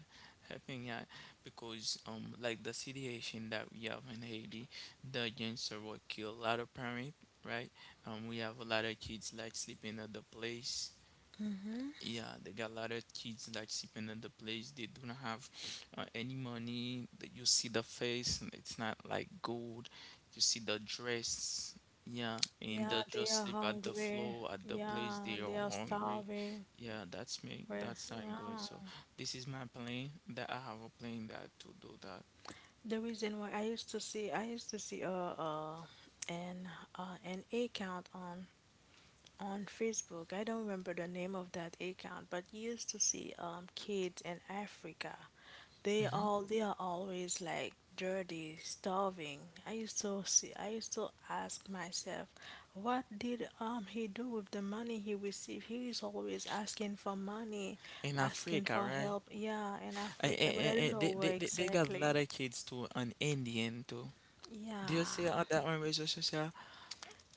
helping out because, um, like the situation that we have in Haiti, the gangster will kill a lot of parents, right? Um, we have a lot of kids like sleeping at the place, yeah, they got a lot of kids that sleeping in the place. They do not have uh, any money. That, you see the face, and it's not like gold. You see the dress. Yeah, and Yeah, they they just are sleep at the hungry. floor at the place. Yeah, They they are are hungry. starving. Yeah, that's me. Well, That's not yeah. good. So this is my plan that I have a plan that to do that The reason why I used to see I used to see uh uh an uh an account on on Facebook. I don't remember the name of that account, but you used to see um kids in Africa. They all they are always like dirty, starving. I used to see I used to ask myself, what did um he do with the money he received? He is always asking for money, in asking Africa, for right? help. Yeah, in I, Africa, but I I, don't I, know they, where they, they they got a exactly. lot of kids too, and Indian too. Do you see all Yeah. that on research social?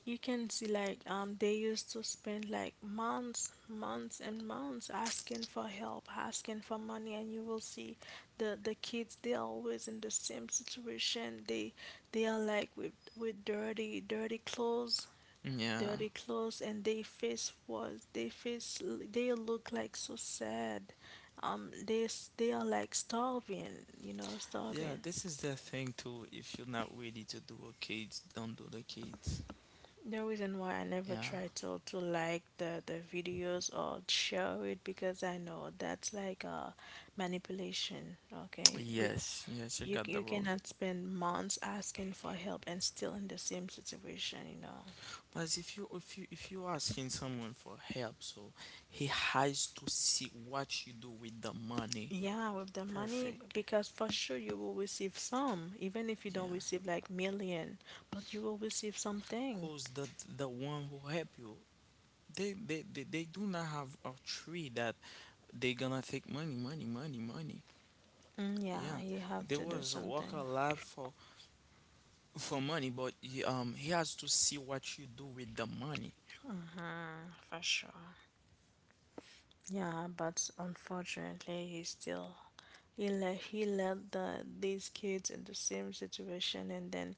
You can see like um they used to spend like months months and months asking for help asking for money and you will see the the kids they're always in the same situation they they are like with with dirty dirty clothes Yeah. dirty clothes And they face was they face they look like so sad um they s- they are like starving you know starving. Yeah, this is the thing too. If you're not ready to do a kids, don't do the kids. The reason why I never Yeah. try to to like the the videos or share it because I know that's like a manipulation. Okay, we, Yes, yes, you you got the you road. cannot spend months asking for help and still in the same situation. You know. But if you if you if you asking someone for help, so he has to see what you do with the money. Yeah, with the money Perfect. because for sure you will receive some, even if you don't Yeah. receive like million, but you will receive something. Cause the the one who help you, they they, they, they do not have a tree that they gonna take money, money, money, money. Mm, yeah, Yeah. you have There to do was work a something. lot for for money, but he, um he has to see what you do with the money. Mm, for sure. Yeah, but unfortunately, he's still he let he let the these kids in the same situation and then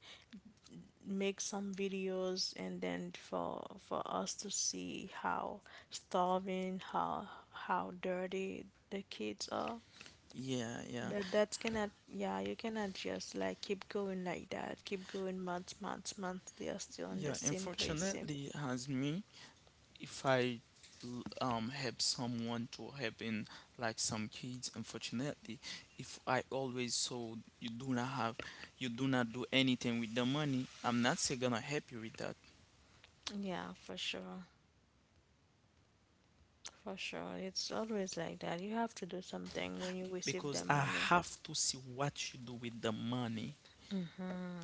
make some videos and then for for us to see how starving, how how dirty the kids are. Yeah, yeah, But that cannot yeah, you cannot just like keep going like that, keep going months, months, months, they are still in the yeah. same place, same Unfortunately, as me, if I l- um help someone to help in like some kids, unfortunately, if I always, so you do not have, you do not do anything with the money, I'm not say gonna help you with that, yeah, for sure. For sure. It's always like that. You have to do something when you receive because the I money. have to see what you do with the money.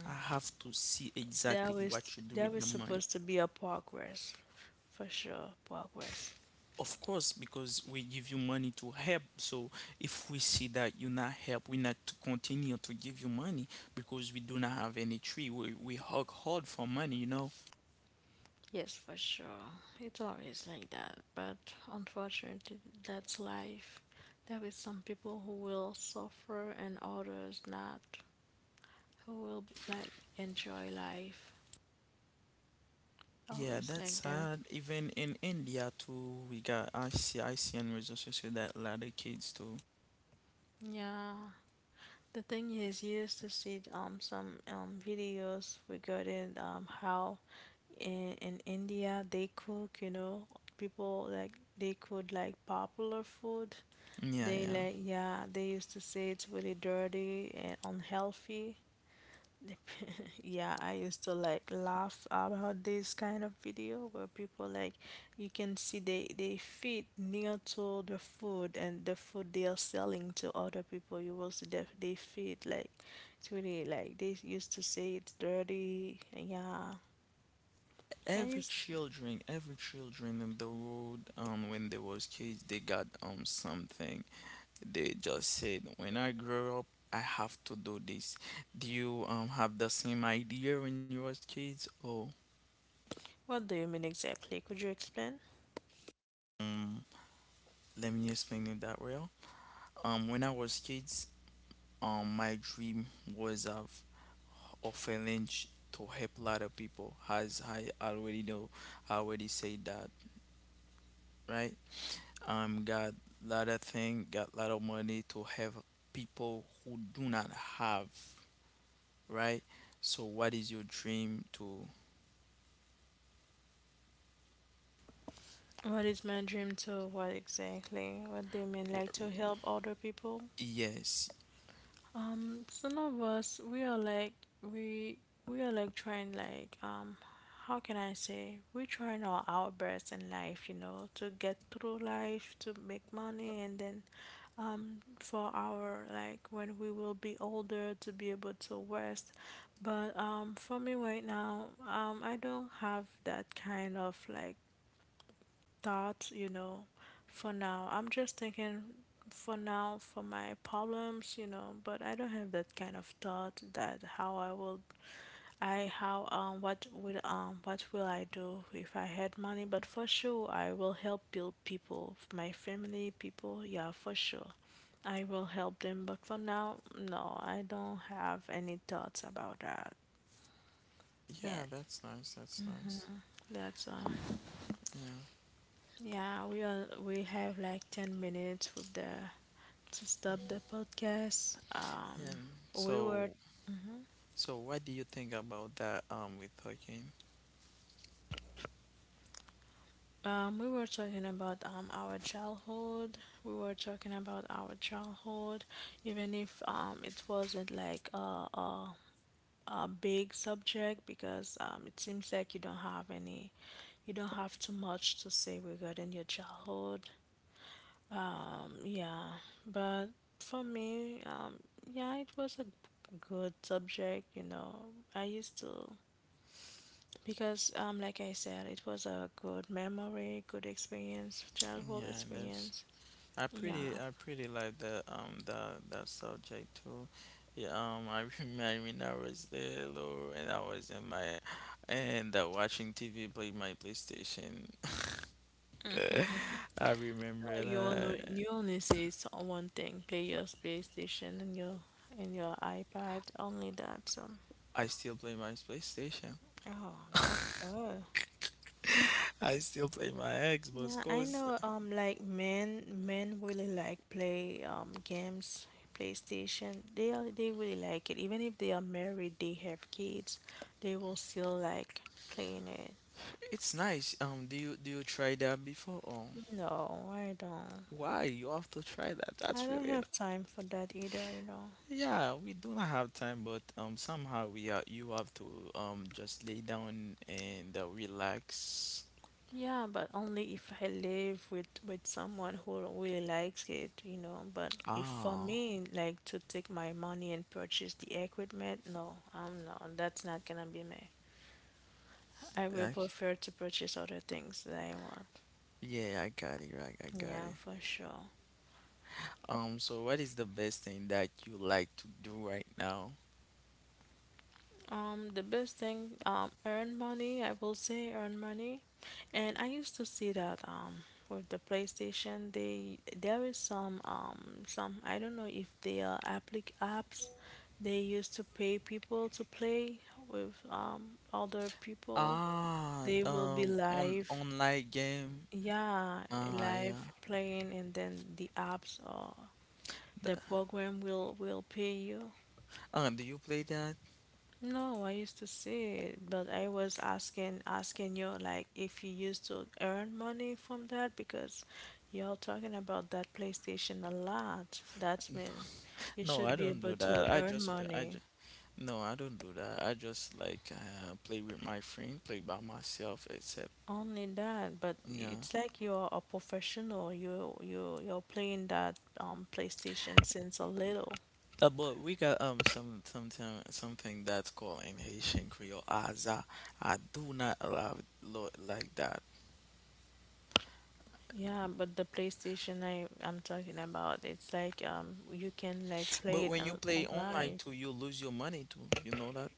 I have to see There exactly was what you do there with the was money. supposed to be a progress for sure, progress. Of course, because we give you money to help. So if we see that you not help, we not to continue to give you money, because we do not have any tree. We we hug hard for money, you know. Yes, for sure. It's always like that, but unfortunately, that's life. There is some people who will suffer and others not, who will like enjoy life. Yeah, Always that's like that. sad. Even in India too, we got, I see I see and resources to that lot of kids too. Yeah. The thing is, you used to see um some um videos regarding um how in, in India they cook, you know, people like they cook like popular food. Yeah, They yeah. like yeah, they used to say it's really dirty and unhealthy. Yeah, I used to like laugh about this kind of video where people like you can see they they feed near to the food and the food they are selling to other people. You will see that they feed like it's really like they used to say it's dirty. Yeah, I Every used. children, every children in the world, um, when they was kids, they got um something. They just said, when I grow up, I have to do this. Do you um have the same idea when you was kids? Oh, What do you mean exactly? Could you explain? um, let me explain it that way. Um, when I was kids, um, my dream was of orphanage to help a lot of people. As I already know, I already said that, right? Um, got lot of thing, got lot of money to help people who do not have, right? So, what is your dream to? What is my dream to what exactly? What do you mean? Like to help other people? Yes. Um, some of us we are like we we are like trying like um how can I say we're trying all our best in life, you know, to get through life, to make money and then um for our like when we will be older to be able to rest. But um for me right now, um I don't have that kind of like thoughts, you know, for now. I'm just thinking for now for my problems, you know, but I don't have that kind of thought that how I will I how um what would um what will I do if I had money, but for sure I will help build people, my family, people, yeah, for sure. I will help them, but for now, no, I don't have any thoughts about that Yeah, yet. that's nice. That's nice. That's uh, Yeah. yeah. We are we have like ten minutes with the to stop the podcast. Um, And we were so, so what do you think about that, um with Hurricane? um, we were talking about um, our childhood. We were talking about our childhood, even if um, it wasn't like a, a a big subject because um, it seems like you don't have any, you don't have too much to say regarding your childhood. Um, yeah, but for me, um, yeah, it was a good subject. You know, I used to. Because um like I said, it was a good memory, good experience, childhood Yeah, and that's experience. I Yeah, pretty I I pretty like the um the that subject too. Yeah, um I remember when I was little and I was in my, and uh, watching T V play my PlayStation. I feel remember like you only that you only say so- one thing, play your PlayStation and your and your iPad, only that. So, I still play my PlayStation. oh, that's good. I still play my Xbox, Yeah, I cause know um like men men really like play um games, PlayStation. They are, they really like it. Even if they are married, they have kids, they will still like playing it. it's nice. Um do you do you try that before, or No, I don't. why? You have to try that. I That's don't really n- have time for that either, you know. yeah, we do not have time, but um somehow we are you have to um just lay down and, uh, relax. Yeah, but only if I live with with someone who really likes it, you know. But if for me, Ah, like to take my money and purchase the equipment, no, I'm not. That's not gonna be me. I will like, prefer to purchase other things that I want. yeah, I got it right. I got Yeah, it. for sure. Um, so what is the best thing that you like to do right now? Um, the best thing, um, earn money. I will say earn money. And I used to see that um with the PlayStation, they there is some um some I don't know if they are applic apps they used to pay people to play with um other people. Ah, They will be um, on live, online game. yeah, Ah, yeah. live playing, and then the apps or Th- the program will will pay you. Uh, do you play that? No, I used to see it, but I was asking asking you like if you used to earn money from that, because you're talking about that PlayStation a lot. That's mean you No, should I be don't able do to that. I earn just play. money. No, I don't do that. I just like, uh, play with my friend, play by myself, except, Only that, but yeah. it's like you're a professional. You you you're playing that um PlayStation since a little. Uh, but we got um some sometime something that's called in Haitian Creole Aza. I do not allow it lo like that. Yeah, but the PlayStation I I'm talking about, it's like um you can like play But it when you on play online online. too, you lose your money too. You know that?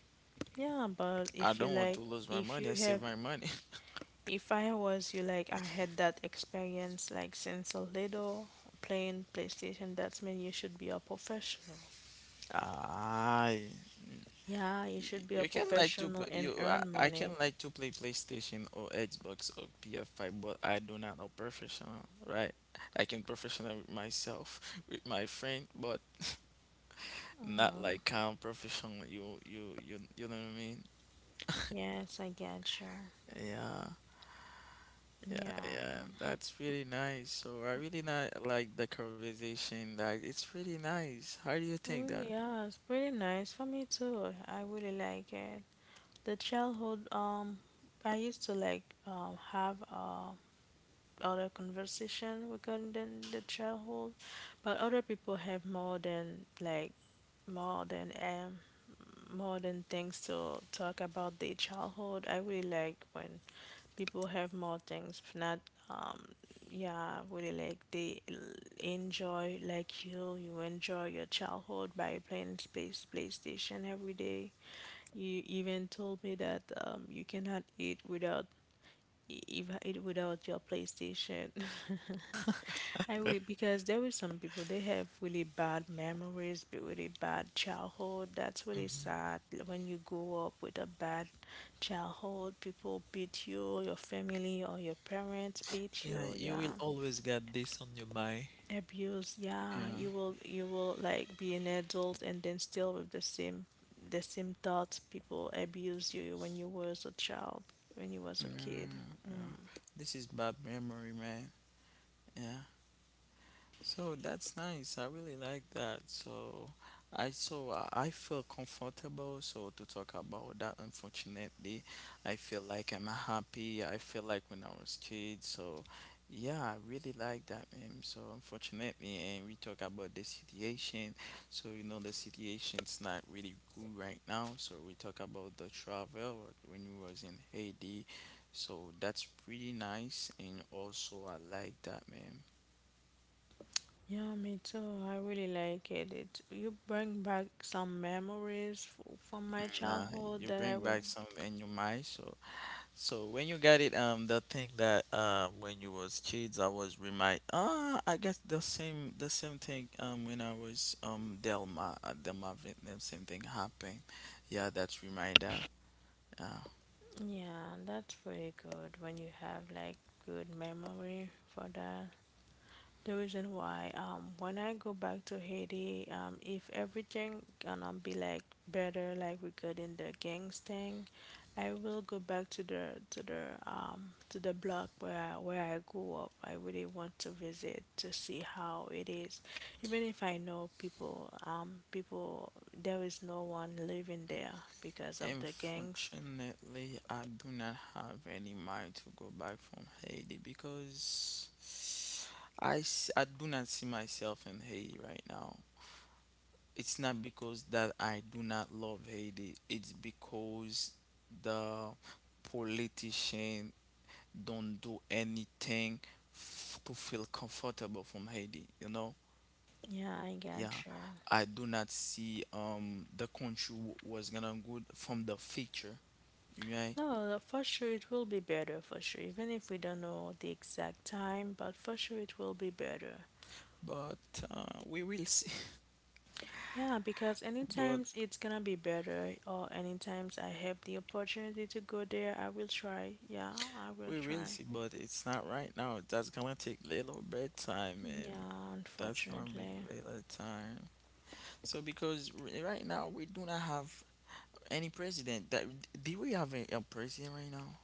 Yeah, but I if you don't want like, to lose my if you money. I save have, my money. if I was you, like, I had that experience, like, since a little playing PlayStation, that's mean you should be a professional. Aye. Yeah, you Y- should be a you can like to professional p- you and I, earn I can money. like to play PlayStation or Xbox or P S five, but I do not know professional, right? I can professional with myself, with my friend, but not Mm, like um professional. You you you you know what I mean? yes, I get you. Yeah. Yeah, yeah, Yeah. that's really nice. So I really not like the conversation. Like, it's really nice. How do you think Well, that? yeah, it's pretty nice for me too. I really like it. The childhood, um, I used to like um have a other conversation regarding the, the childhood, but other people have more than like more than um more than things to talk about their childhood. I really like when people have more things, if not um yeah, really like they l- enjoy like you you enjoy your childhood by playing space PlayStation every day. You even told me that um, you cannot eat without i- if it without your PlayStation. I will, because there were some people they have really bad memories, but really bad childhood. That's really Hmm. sad. When you grow up with a bad childhood, people beat you, your family or your parents beat Yeah, you, you yeah. will always get this on your mind. Abuse, yeah. Yeah. You will you will like be an adult and then still with the same the same thoughts people abuse you when you was a child, when you Yeah. was a kid. Mm. This is bad memory, man. Yeah. So that's nice. I really like that. So I so I I feel comfortable so to talk about that. Unfortunately, I feel like I'm happy. I feel like when I was kid. So, yeah, I really like that. Um, so unfortunately, and we talk about the situation. So you know the situation's not really good right now. So we talk about the travel when we was in Haiti. So that's pretty nice, and also I like that, man. Yeah, me too. I really like it. It you bring back some memories f from my Yeah, childhood you that I bring will. back some in your mind. So, so when you got it, um, the thing that, uh, when you was kids, I was remind. Ah, I guess the same, the same thing. Um, when I was um Delma, uh, Delma Vietnam, same thing happened. Yeah, that's reminder. Yeah. Yeah, that's pretty good when you have like good memory for that. The reason why, um, when I go back to Haiti, um, if everything gonna be like better, like we could in the gangs thing, I will go back to the to the um to the block where I, where I grew up. I really want to visit to see how it is, even if I know people, um, people, there is no one living there because of the gangs. Unfortunately, I do not have any mind to go back from Haiti because I s- I do not see myself in Haiti right now. It's not because that I do not love Haiti. It's because the politician don't do anything f- to feel comfortable from Haiti. You know, Yeah, I yeah, got you. I do not see um the country w- was gonna good from the future, right? No, the- for sure it will be better for sure, even if we don't know the exact time, but for sure it will be better. But uh, we will see. Yeah, because But anytimes it's gonna be better, or anytimes I have the opportunity to go there, I will try. Yeah, I will we will try. see. But it's not right now. That's gonna take little bit time, man. Yeah, That's gonna be unfortunately. little time. So because r- right now we do not have any president that, do we have a, a president right now?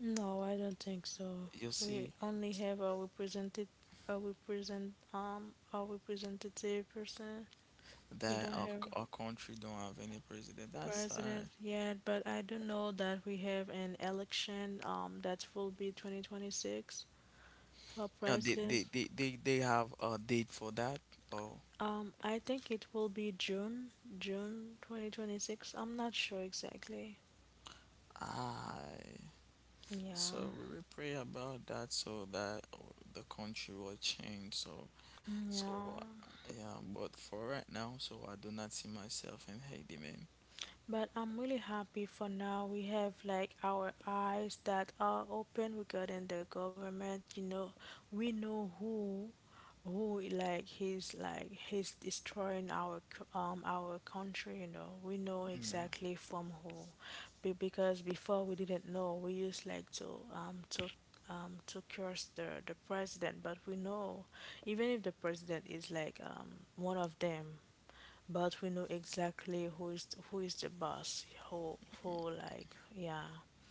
No, I don't think so. You We see only have a represented a represent um a representative person. We that don't our, have c- our country don't have any president. That's uh, president yet, but I do know that we have an election um that will be twenty twenty-six for uh they, president. they, they, they, they have a date for that. Oh, Um, I think it will be June, June twenty twenty-six. I'm not sure exactly. I Yeah. so we will pray about that so that, uh, the country will change. So so Yeah. uh, yeah, but for right now, so I do not see myself in Haiti, man. But I'm really happy for now. We have like our eyes that are open regarding the government. You know, we know who, who like he's like he's destroying our c- um our country. You know, we know Yeah, exactly from who. Be- because before we didn't know. We used like to um to um, to curse the, the president, but we know, even if the president is like um, one of them, but we know exactly who is who is the boss, who who like yeah,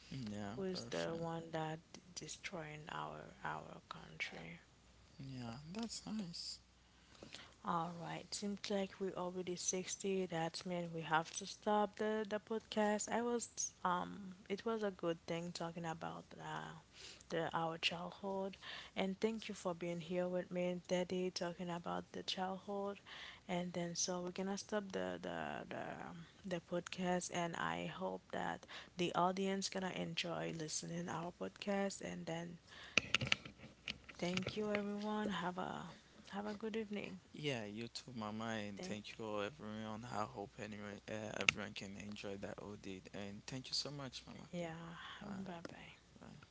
yeah, who is the perfect. one that destroying our our country. Yeah, that's nice. All right, seems like we already sixty. That means we have to stop the, the podcast. I was, um, it was a good thing talking about uh, the our childhood. And thank you for being here with me and Daddy talking about the childhood. And then, so we're gonna stop the, the, the, the podcast. And I hope that the audience gonna enjoy listening our podcast. And then, thank you everyone. Have a, have a good evening. Yeah, you too, Mama, and Thank thank you all, everyone. I hope anyone, uh, everyone can enjoy that audit. And thank you so much, Mama. Yeah, Uh, bye bye. Bye.